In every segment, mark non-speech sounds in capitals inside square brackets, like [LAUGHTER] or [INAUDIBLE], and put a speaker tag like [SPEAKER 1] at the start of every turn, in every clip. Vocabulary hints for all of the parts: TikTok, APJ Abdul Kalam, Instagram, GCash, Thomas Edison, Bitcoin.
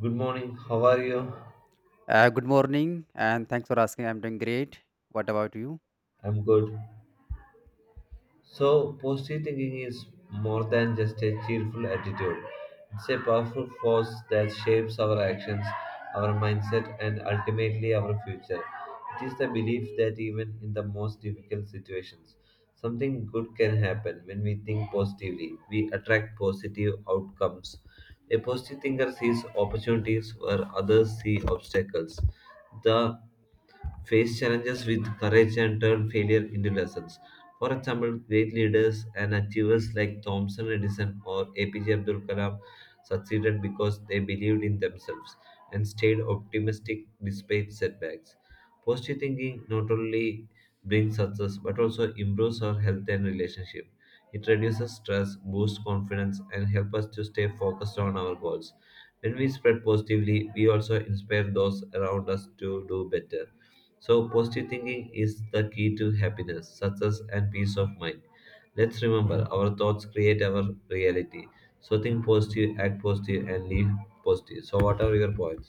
[SPEAKER 1] Good morning, how are you?
[SPEAKER 2] Good morning, and thanks for asking. I'm doing great. What about you?
[SPEAKER 1] I'm good. So, positive thinking is more than just a cheerful attitude, it's a powerful force that shapes our actions, our mindset, and ultimately our future. It is the belief that even in the most difficult situations, something good can happen when we think positively. We attract positive outcomes. A positive thinker sees opportunities where others see obstacles. The face challenges with courage and turn failure into lessons. For example, great leaders and achievers like Thomson Edison or APJ Abdul Kalam succeeded because they believed in themselves and stayed optimistic despite setbacks. Positive thinking not only brings success but also improves our health and relationship. It reduces stress, boosts confidence, and helps us to stay focused on our goals. When we spread positively, we also inspire those around us to do better. So, positive thinking is the key to happiness, success, and peace of mind. Let's remember our thoughts create our reality. So, think positive, act positive, and live positive. So, what are your points?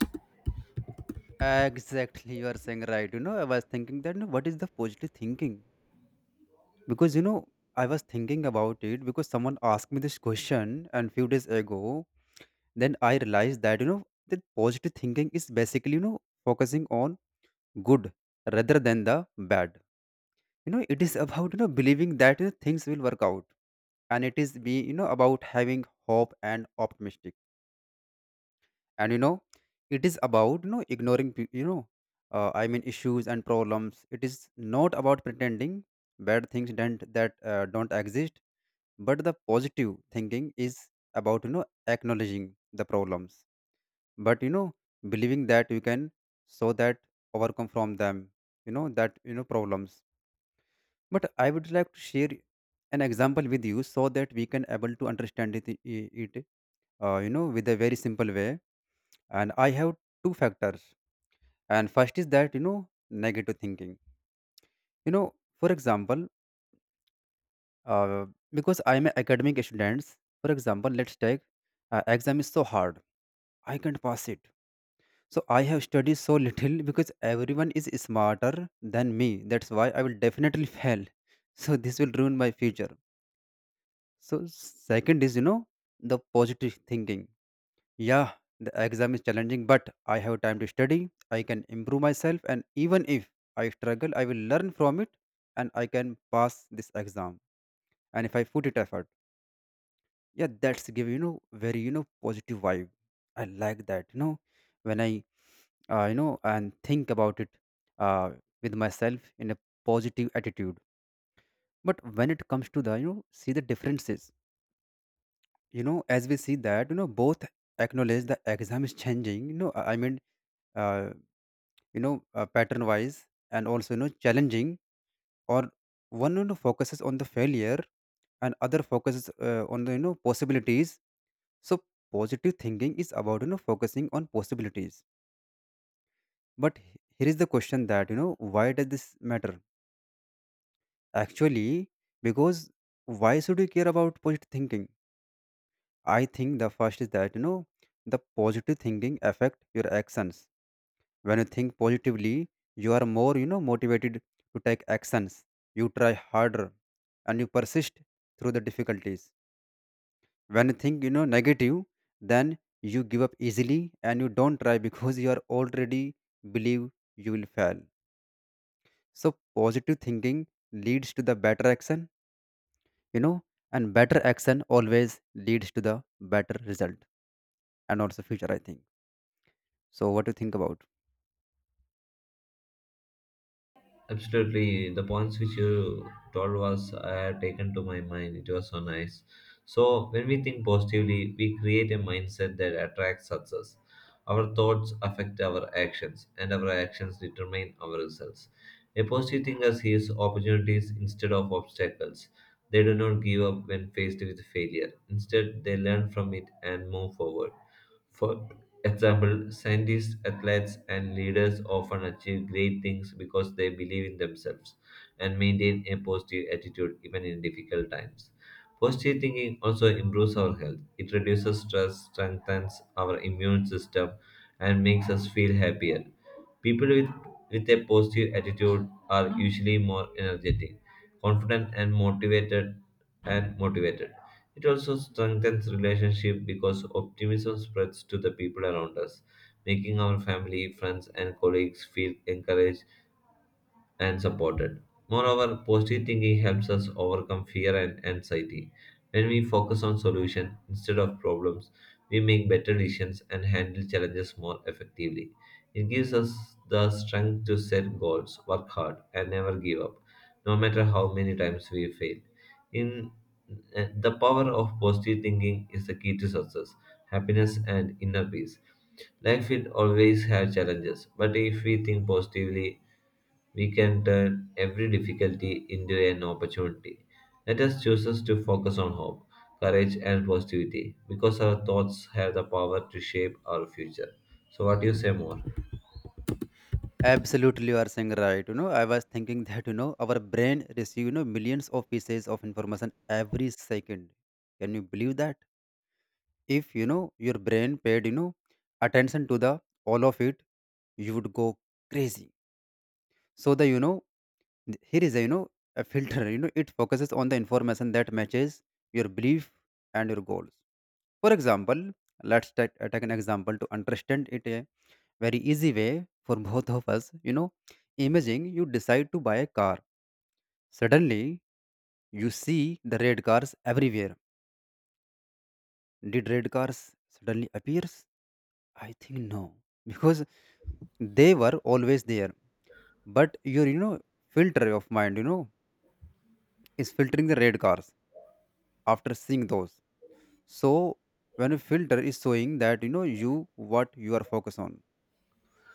[SPEAKER 2] Exactly, you are saying right. You know, I was thinking that you know, what is the positive thinking? Because you know, I was thinking about it because someone asked me this question and few days ago. Then I realized that you know that positive thinking is basically you know focusing on good rather than the bad. You know, it is about you know believing that you know, things will work out, and it is be you know about having hope and optimistic. And you know it is about you know ignoring you know I mean issues and problems. It is not about pretending bad things don't that don't exist, but the positive thinking is about you know acknowledging the problems, but you know believing that you can so that overcome from them, you know, that you know problems. But I would like to share an example with you so that we can able to understand it, you know, with a very simple way. And I have two factors, and first is that you know negative thinking, you know. For example, uh, because I'm an academic students, for example, let's take, exam is so hard, I can't pass it, so I have studied so little because everyone is smarter than me, that's why I will definitely [LAUGHS] fail, so this will ruin my future. So second is you know the positive thinking. Yeah, the exam is challenging, but I have time to study. I can improve myself, and even if I struggle, I will learn from it and I can pass this exam. And if I put it effort, yeah, that's give you know very you know positive vibe. I like that, you know, when I you know and think about it, uh, with myself in a positive attitude. But when it comes to the you know see the differences, you know, as we see that you know both acknowledge the exam is changing. You know, I mean. Uh, you know pattern wise and also you know challenging, or one you know focuses on the failure and other focuses on the you know possibilities. So positive thinking is about you know focusing on possibilities. But here is the question that you know why does this matter actually, because why should you care about positive thinking? I think the first is that you know the positive thinking affect your actions. When you think positively, you are more you know motivated to take actions, you try harder, and you persist through the difficulties. When you think you know negative, then you give up easily and you don't try [LAUGHS] because you are already believe you will fail. So positive thinking leads to the better action, you know, and better action always leads to the better result, and also future I think. So what do you think about?
[SPEAKER 1] Absolutely, the points which you told was I have taken to my mind. It was so nice. So when we think positively, we create a mindset that attracts success. Our thoughts affect our actions, and our actions determine our results. A positive thinker sees opportunities instead of obstacles. They do not give up when faced with failure. Instead, they learn from it and move forward. For example, scientists, athletes, and leaders often achieve great things because they believe in themselves and maintain a positive attitude even in difficult times. Positive thinking also improves our health. It reduces stress, strengthens our immune system, and makes us feel happier. People with a positive attitude are usually more energetic, confident, and motivated. It also strengthens relationship because optimism spreads to the people around us, making our family, friends, and colleagues feel encouraged and supported. Moreover, positive thinking helps us overcome fear and anxiety. When we focus on solution instead of problems, we make better decisions and handle challenges more effectively. It gives us the strength to set goals, work hard, and never give up, no matter how many times we fail. In The power of positive thinking is the key to success, happiness, and inner peace. Life will always have challenges, but if we think positively we can turn every difficulty into an opportunity. Let us choose us to focus on hope, courage, and positivity because our thoughts have the power to shape our future. So, what do you say more?
[SPEAKER 2] Absolutely, you are saying right. You know, I was thinking [LAUGHS] that you know our brain receive you know millions of pieces of information every second. Can you believe that? If you know your brain paid you know attention to the all of it, you would go crazy. So the you know here is a you know a filter. [LAUGHS] You know it focuses on the information that matches your belief and your goals. For example, take an example to understand it. Eh? Very easy way for [LAUGHS] both of us. You know, imagine you decide to buy a car. Suddenly, you see the red cars everywhere. Did red cars suddenly appears? I think no, [LAUGHS] because they were always there. But your you know filter of mind, you know, is filtering the red cars after seeing those. So when a filter is showing that you know you what you are focused on.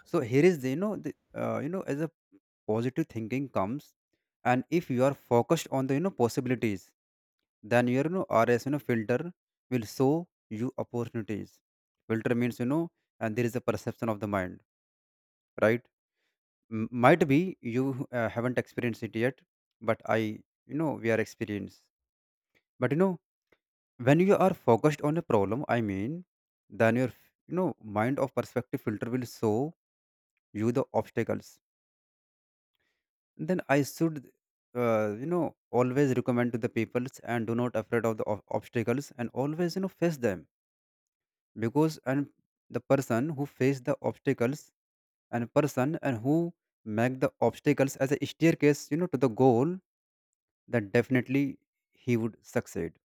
[SPEAKER 2] So here is the, you know as a positive thinking comes, and if you are focused on the you know possibilities, then your you know, rs you know filter will show you opportunities. Filter means you know, and there is a perception of the mind, right? Might be you haven't experienced it yet, but I you know we are experienced. But you know when you are focused on a problem, I mean, then your you know mind of perspective filter will show you the obstacles. Then I should, you know, always recommend to the peoples and do not afraid of the obstacles and always, you know, face them, because and the person who face the obstacles and person and who make the obstacles as a staircase, you know, to the goal, then definitely he would succeed.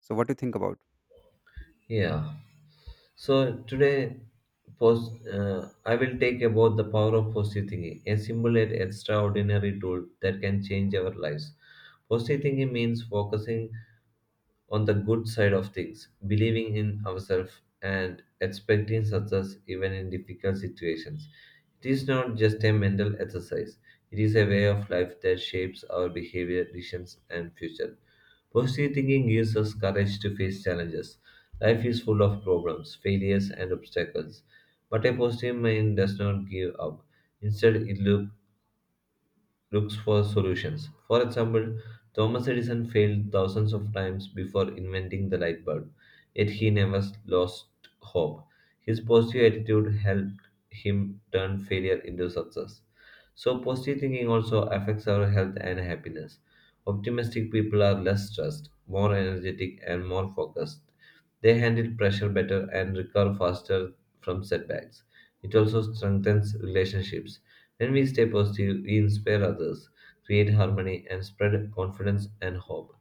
[SPEAKER 2] So what do you think about?
[SPEAKER 1] Yeah. So today, post I will take about the power of positive thinking, a simple yet extraordinary tool that can change our lives. Positive thinking means focusing on the good side of things, believing in ourselves and expecting success even in difficult situations. It is not just a mental exercise, it is a way of life that shapes our behavior, decisions, and future. Positive thinking gives us courage to face challenges. Life is full of problems, failures, and obstacles. But a positive mind does not give up. Instead, it looks for solutions. For example, Thomas Edison failed thousands of times before inventing the light bulb, yet he never lost hope. His positive attitude helped him turn failure into success. So, positive thinking also affects our health and happiness. Optimistic people are less stressed, more energetic, and more focused. They handle pressure better and recover faster from setbacks. It also strengthens relationships when we stay positive, we inspire others, create harmony, and spread confidence and hope.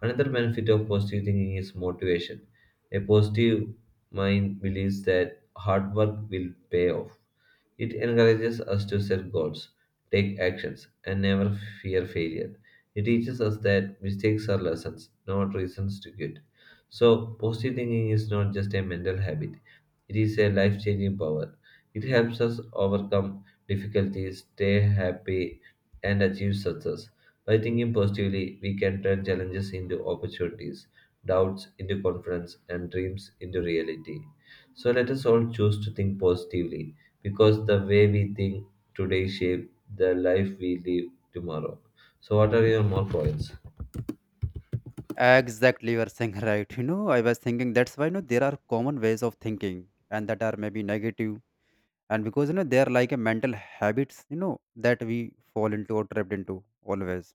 [SPEAKER 1] Another benefit of positive thinking is motivation. A positive mind believes that hard work will pay off. It encourages us to set goals, take actions, and never fear failure. It teaches us that mistakes are lessons, not reasons to quit. So, positive thinking is not just a mental habit, it is a life changing power. It helps us overcome difficulties, stay happy, and achieve success. By thinking positively, we can turn challenges into opportunities, doubts into confidence, and dreams into reality. So let us all choose to think positively because the way we think today shape the life we live tomorrow. So what are your more points?
[SPEAKER 2] Exactly, you are saying [LAUGHS] right. You know, I was thinking that's why you know there are common ways of thinking and that are maybe negative, and because you know they are like a mental habits you know that we fall into or trapped into always.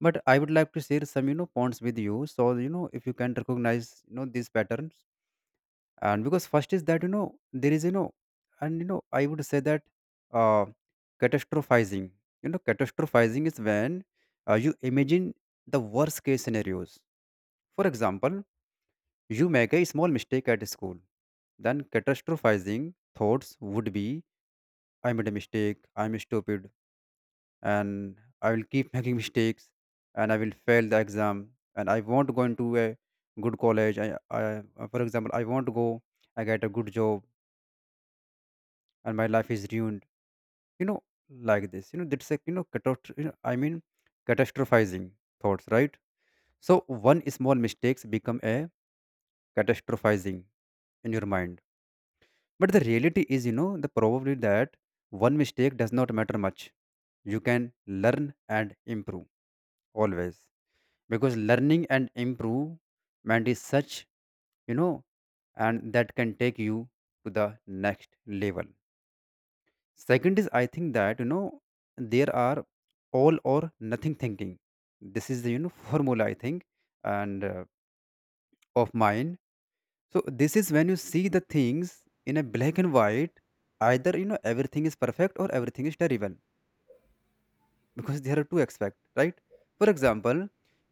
[SPEAKER 2] But I would like to share some you know points with you so you know if you can recognize you know these patterns. And because first is that you know there is you know and you know I would say that uh catastrophizing. You know, catastrophizing is when you imagine the worst case scenarios. For example, you make a small mistake at school, then catastrophizing thoughts would be, I made a mistake, I'm stupid, and I will keep [LAUGHS] making mistakes, and I will fail the exam, and I won't go into a good college. I For example, I won't go, I get a good job, and my life is ruined. You know, like this. You know, that's a you know, you know I mean, catastrophizing thoughts, right? So one small mistakes become a catastrophizing in your mind. But the reality is, you know, the probably that one mistake does not matter much. You can learn and improve always, because learning and improvement is such you know, and that can take you to the next level. Second is I think that you know there are all or nothing thinking. This is the you know [LAUGHS] formula I think, and of mine. So this is when you see the things in a black and white, either you know everything is perfect or everything is terrible, because there are two aspects, right? For example,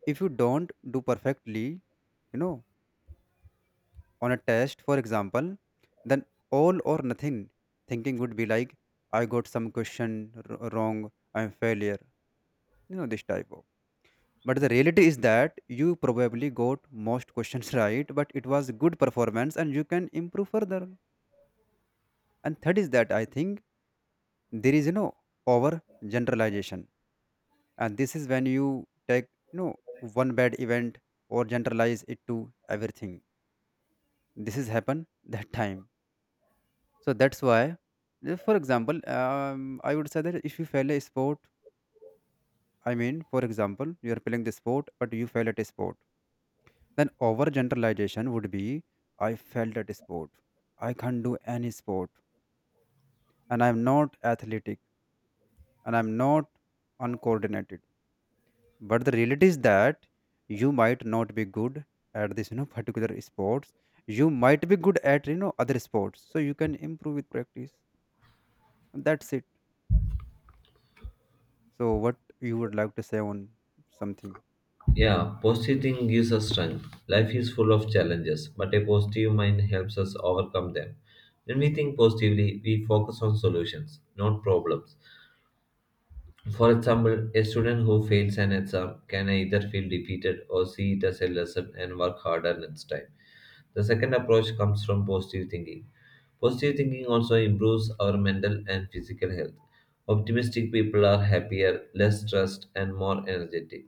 [SPEAKER 2] if you don't do perfectly, you know, on a test, for example, then all or nothing thinking would be like, I got some question wrong, I'm failure, you know, this type of. But the reality is that you probably got most questions [LAUGHS] right, but it was good performance and you can improve further. And third is that I think there is, you know, over generalization. And this is when you take, you know, one bad event or generalize it to everything. This has happened that time. So that's why, for example, I would say that if you fail a sport, I mean, for example, you are playing the sport, but you fail at a sport, then over generalization would be, I failed at a sport, I can't do any sport, and I'm not athletic, and I'm not uncoordinated. But the reality is that you might not be good at this, you know, [LAUGHS] particular sports. You might be good at, you know, other sports. So you can improve with practice. That's it. So what you would like to say on something?
[SPEAKER 1] Yeah, positive thinking gives us strength. Life is full of challenges, but a positive mind helps us overcome them. When we think positively, we focus on solutions, not problems. For example, a student who fails an exam can either feel defeated or see it as a lesson and work harder next time. The second approach comes from positive thinking. Positive thinking also improves our mental and physical health. Optimistic people are happier, less stressed, and more energetic.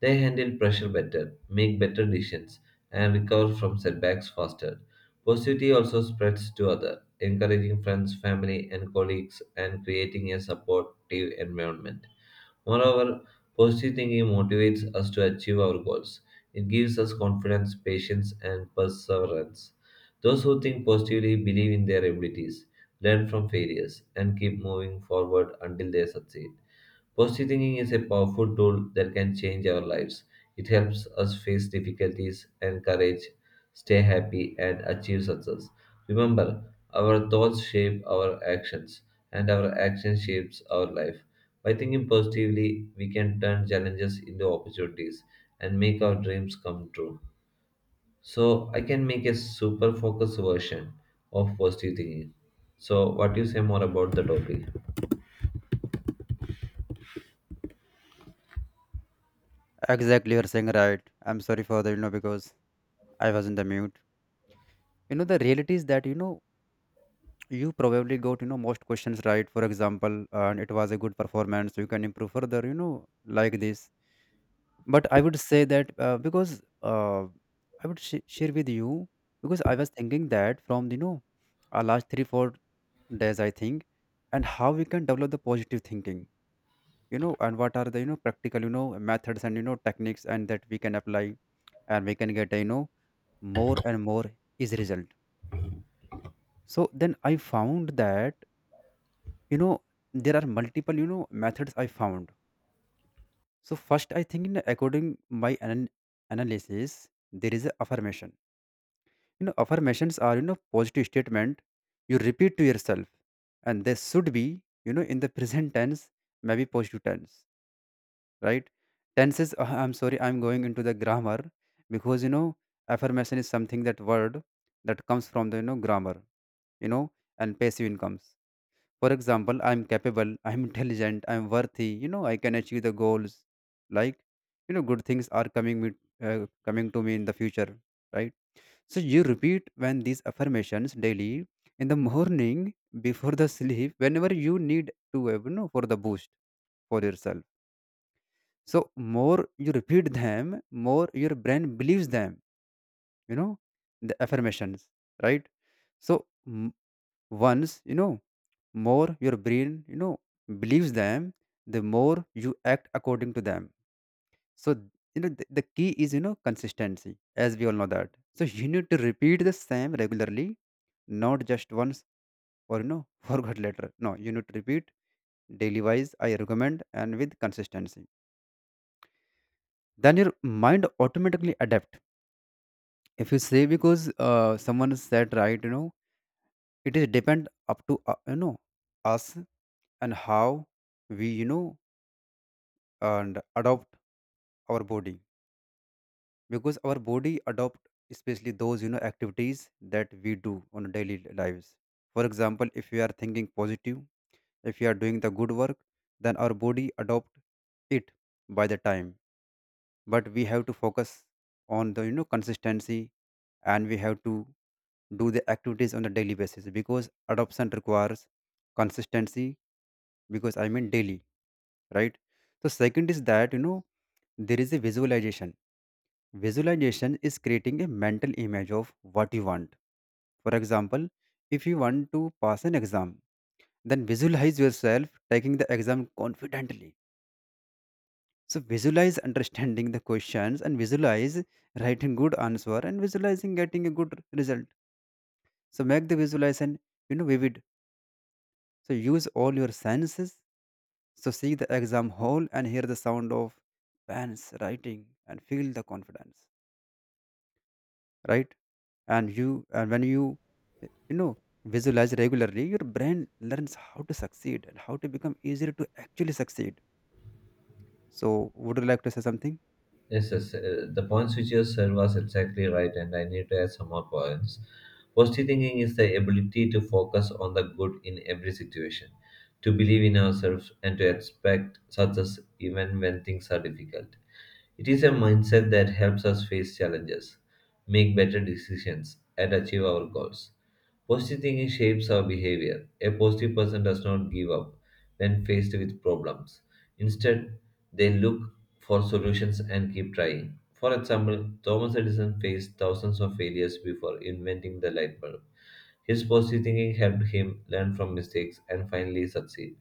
[SPEAKER 1] They handle pressure better, make better decisions, and recover from setbacks faster. Positivity also spreads to others, encouraging friends, family, and colleagues, and creating a supportive environment. Moreover, positive thinking motivates us to achieve our goals. It gives us confidence, patience, and perseverance. Those who think positively believe in their abilities, learn from failures, and keep moving forward until they succeed. Positive thinking is a powerful tool that can change our lives. It helps us face difficulties, encourage, stay happy, and achieve success. Remember, our thoughts shape our actions, and our action shapes our life. By thinking positively, we can turn challenges into opportunities and make our dreams come true. So, I can make a super focused version of positive thinking. So, what do you say more about the topic?
[SPEAKER 2] Exactly, you're saying right. I'm sorry for the you know because I was in the mute. You know the reality is that you know you probably got you know most questions right. For example, and it was a good performance, so you can improve further. You know like this, but I would say that because I would share with you, because I was thinking that from you know our last 3 4 days I think, and how we can develop the positive thinking, you know, and what are the you know practical you know methods and you know techniques and that we can apply, and we can get a, you know, more and more is result. So then I found that you know there are multiple you know methods I found. So first I think in according my analysis, there is a affirmation. You know, affirmations are you know positive statement you repeat to yourself, and they should be you know in the present tense, maybe positive tense, right? Tenses, I'm sorry, I'm going into the grammar because, you know, affirmation is something that word that comes from the, you know, grammar, you know, and passive incomes. For example, I'm capable, I'm intelligent, I'm worthy, you know, I can achieve the goals. Like, good things are coming to me in the future, right? So you repeat when these affirmations daily in the morning before the sleep whenever you need to, for the boost for yourself, so more you repeat them, more your brain believes them. You know the affirmations, right? So once more your brain, believes them, the more you act according to them. So the key is consistency, as we all know that. So you need to repeat the same regularly, not just once or [LAUGHS] forgot later. No, you need to repeat daily wise. I recommend and with consistency. Then your mind automatically adapts. If you say, because someone said right, it is depend up to us and how we and adopt our body, because our body adopt, especially those activities that we do on a daily lives. For example, if we are thinking positive, if we are doing the good work, then our body adopt it by the time, but we have to focus on the consistency, and we have to do the activities on a daily basis, because adoption requires consistency, because I mean daily, right? So second is that there is a visualization. Visualization is creating a mental image of what you want. For example, if you want to pass an exam, then visualize yourself taking the exam confidently. So visualize understanding the questions, and visualize writing good answer, and visualizing getting a good result. So make the visualization vivid. So use all your senses. So see the exam hall and hear the sound of pens writing and feel the confidence. Right? And when you know visualize regularly, your brain learns how to succeed and how to become easier to actually succeed. So would you like to say something?
[SPEAKER 1] Yes, the points which you said was exactly right, and I need to add some more points. Positive thinking is the ability to focus on the good in every situation, to believe in ourselves, and to expect success even when things are difficult. It is a mindset that helps us face challenges, make better decisions, and achieve our goals. Positive thinking shapes our behavior. A positive person does not give up when faced with problems. Instead, they look for solutions and keep trying. For example, Thomas Edison faced thousands of failures before inventing the light bulb. His positive thinking helped him learn from mistakes and finally succeed.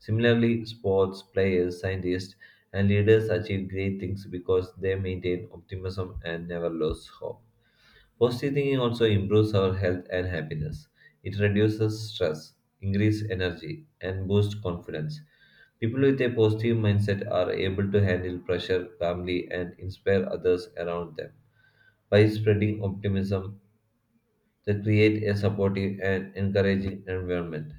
[SPEAKER 1] Similarly, sports players, scientists, and leaders achieve great things because they maintain optimism and never lose hope. Positive thinking also improves our health and happiness. It reduces stress, increases energy, and boosts confidence. People with a positive mindset are able to handle pressure calmly and inspire others around them. By spreading optimism, they create a supportive and encouraging environment.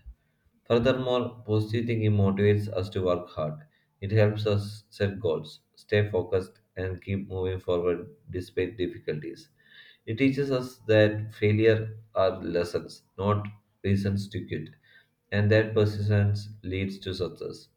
[SPEAKER 1] Furthermore, positive thinking motivates us to work hard. It helps us set goals, stay focused, and keep moving forward despite difficulties. It teaches us that failure are lessons, not reasons to quit, and that persistence leads to success.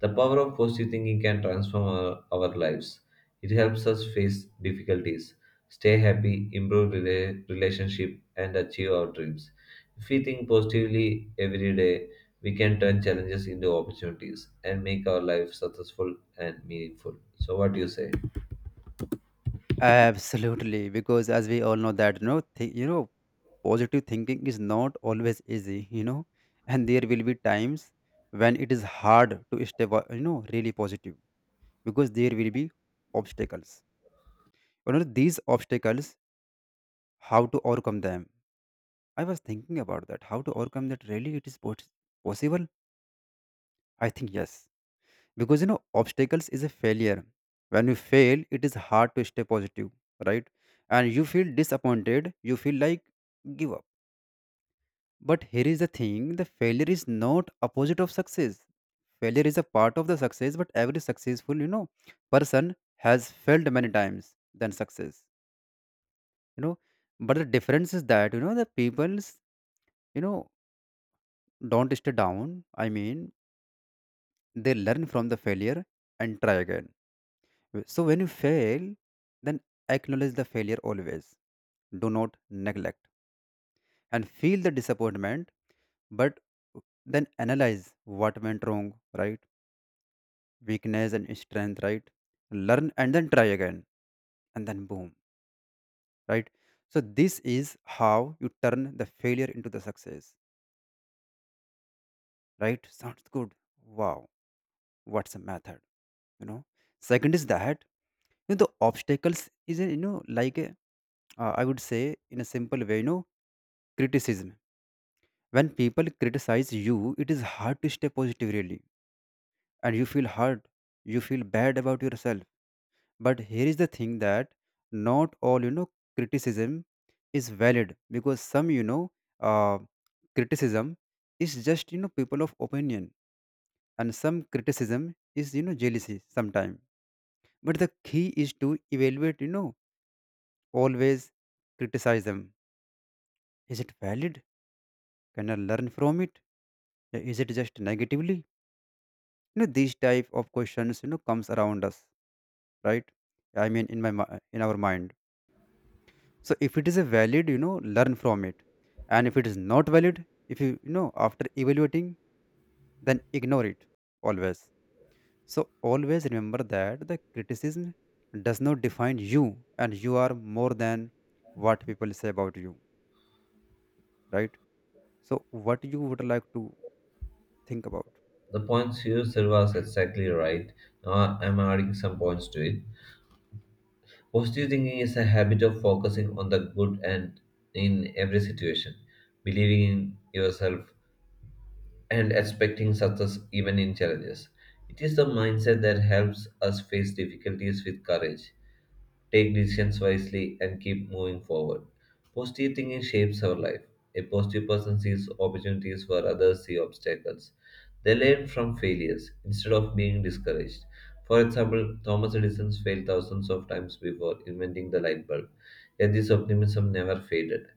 [SPEAKER 1] The power of positive thinking can transform our lives. It helps us face difficulties, stay happy, improve relationship, and achieve our dreams. If we think positively every day, we can turn challenges into opportunities and make our life successful and meaningful. So, what do you say?
[SPEAKER 2] Absolutely, because as we all know that positive thinking is not always easy, and there will be times when it is hard to stay, really positive, because there will be obstacles. These obstacles, how to overcome them? I was thinking about that. How to overcome that? Really, it is possible? I think yes. Because obstacles is a failure. When you fail, it is hard to stay positive, right? And you feel disappointed, you feel like give up, but here is the thing, the failure is not opposite of success. Failure is a part of the success, but every successful person has failed many times than success, you know but the difference is that the people's you know don't stay down. I mean, they learn from the failure and try again. So when you fail, then acknowledge the failure always. Do not neglect and feel the disappointment, but then analyze what went wrong, right? Weakness and strength, right? Learn and then try again, and then boom, right? So this is how you turn the failure into the success, right? Sounds good. Wow, what's a method? You know. Second is that the obstacles is a, I would say in a simple way, criticism. When people criticize you, it is hard to stay positive, really. And you feel hurt, you feel bad about yourself. But here is the thing that not all criticism is valid, because some uh, criticism is just people of opinion, and some criticism is jealousy sometimes. But the key is to evaluate, always criticize them, is it valid, can I learn from it, is it just negatively, these type of questions comes around us, right? I mean, in my in our mind. So if it is a valid, learn from it, and if it is not valid, if you, you know after evaluating, then ignore it always. So always remember that the criticism does not define you, and you are more than what people say about you, right? So what you would like to think about?
[SPEAKER 1] The points you said was exactly right. Now, I'm adding some points to it. Positive thinking is a habit of focusing on the good and in every situation, believing in yourself, and expecting success even in challenges. It is the mindset that helps us face difficulties with courage take decisions wisely, and keep moving forward. Positive thinking shapes our life. A positive person sees opportunities where others see obstacles. They learn from failures instead of being discouraged. For example, Thomas Edison failed thousands of times before inventing the light bulb, yet this optimism never faded.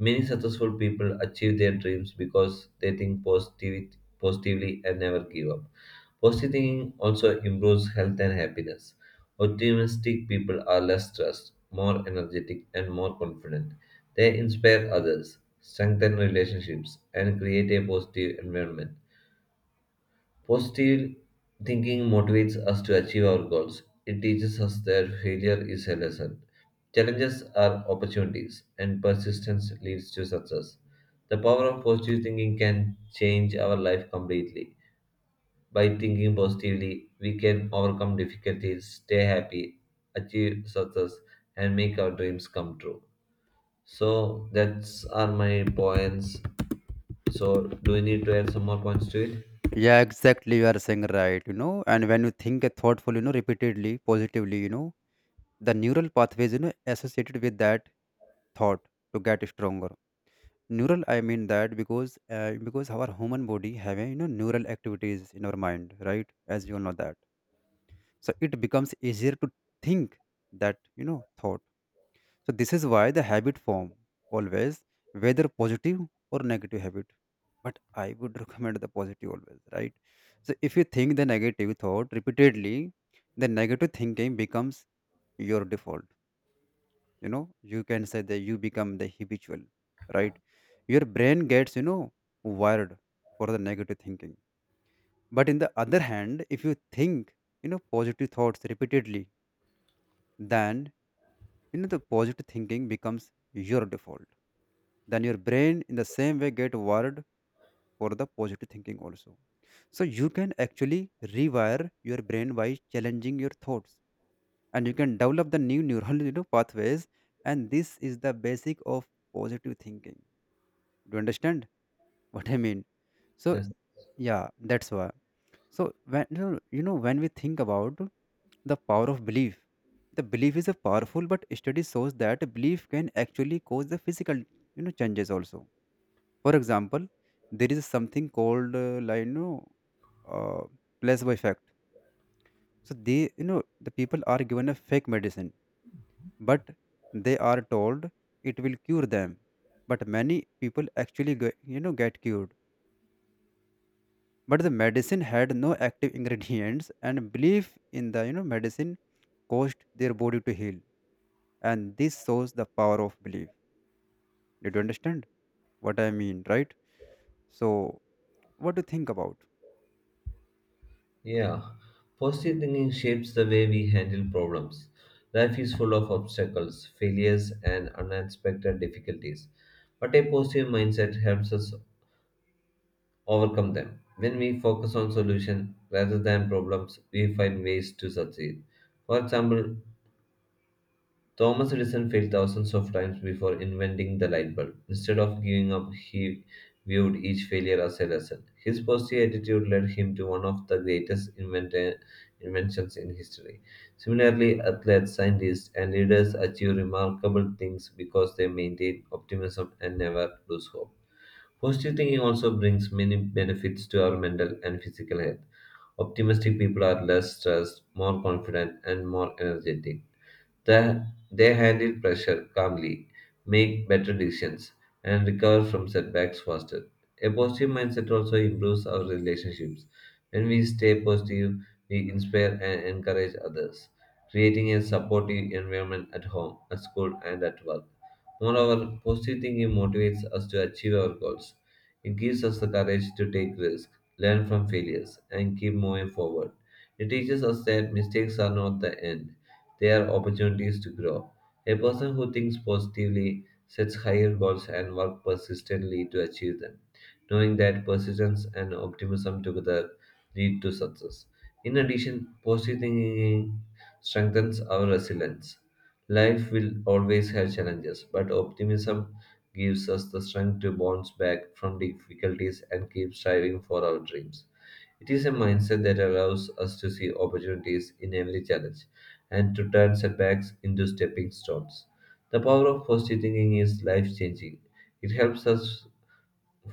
[SPEAKER 1] Many successful people achieve their dreams because they positively and never give up. Positive thinking also improves health and happiness. Optimistic people are less stressed, more energetic, and more confident. They inspire others, strengthen relationships, and create a positive environment. Positive thinking motivates us to achieve our goals. It teaches us that failure is a lesson. Challenges are opportunities, and persistence leads to success. The power of positive thinking can change our life completely. By thinking positively, we can overcome difficulties, stay happy, achieve success, and make our dreams come true. So that's are my points. So do you need to add some more points to it?
[SPEAKER 2] Yeah, exactly, you are saying right, and when you think a thoughtful, repeatedly, positively, the neural pathways associated with that thought, to get stronger. Neural, I mean that, because our human body have a, neural activities in our mind, right, as you all know that. So it becomes easier to think that thought. So this is why the habit form, always, whether positive or negative habit, but I would [LAUGHS] recommend the positive always, right? So if you think the negative thought repeatedly, the negative thinking becomes your default, you know you can say that you become the habitual, right? Your brain gets wired for the negative thinking. But in the other hand, if you think positive thoughts repeatedly, then the positive thinking becomes your default, then your brain in the same way get wired for the positive thinking also. So you can actually rewire your brain by challenging your thoughts, and you can develop the new neural pathways, and this is the basic of positive thinking. Do you understand what I mean? So
[SPEAKER 1] Yes.
[SPEAKER 2] yeah, that's why. So when you know, when we think about the power of belief, the belief is a powerful, but study shows that belief can actually cause the physical changes also. For example, there is something called like, uh, placebo effect. So they, the people are given a fake medicine, but they are told it will cure them. But many people actually get, you know get cured, but the medicine had no active ingredients, and belief in the medicine caused their body to heal. And this shows the power of belief. Did you understand what I mean? Right? So what do you think about?
[SPEAKER 1] Yeah. Positive thinking shapes the way we handle problems. Life is full of obstacles, failures, and unexpected difficulties. But a positive mindset helps us overcome them. When we focus on solutions rather than problems, we find ways to succeed. For example, Thomas Edison failed thousands of times before inventing the light bulb. Instead of giving up, he viewed each failure as a lesson. His positive attitude led him to one of the greatest inventions in history. Similarly, athletes, scientists, and leaders achieve remarkable things because they maintain optimism and never lose hope. Positive thinking also brings many benefits to our mental and physical health. Optimistic people are less stressed, more confident, and more energetic. That they handle pressure calmly, make better decisions, and recover from setbacks faster. A positive mindset also improves our relationships. When we stay positive, we inspire and encourage others, creating a supportive environment at home, at school, and at work. Moreover, positive thinking motivates us to achieve our goals. It gives us the courage to take risks, learn from failures, and keep moving forward. It teaches us that mistakes are not the end they are opportunities to grow. A person who thinks positively sets higher goals and works persistently to achieve them, knowing that persistence and optimism together lead to success. In addition, positive thinking strengthens our resilience. Life will always have challenges, but optimism gives us the strength to bounce back from difficulties and keep striving for our dreams. It is a mindset that allows us to see opportunities in every challenge and to turn setbacks into stepping stones. The power of positive thinking is life changing. It helps us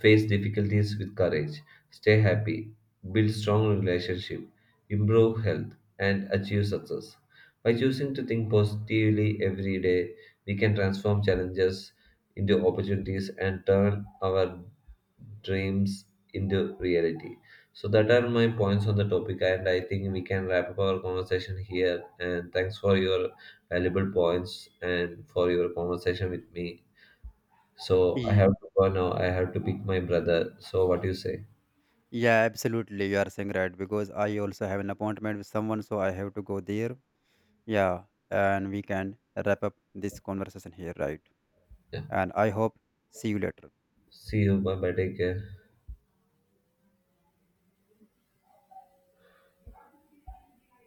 [SPEAKER 1] face difficulties with courage, stay happy, build strong relationship, improve health, and achieve success. By choosing to think positively every day, we can transform challenges into opportunities and turn our dreams into reality. So that are my points on the topic, and I think we can wrap up our conversation here. And thanks for your valuable points and for your conversation with me. So I
[SPEAKER 2] Ye-
[SPEAKER 1] have to go now. I have to pick my brother. So what do you say?
[SPEAKER 2] yeah, absolutely, you are saying right, because I also have an appointment with someone, so I have to go there. Yeah. And we can wrap up this conversation here, right?
[SPEAKER 1] Yeah.
[SPEAKER 2] And I hope, see you later.
[SPEAKER 1] See you. Bye bye. Take care.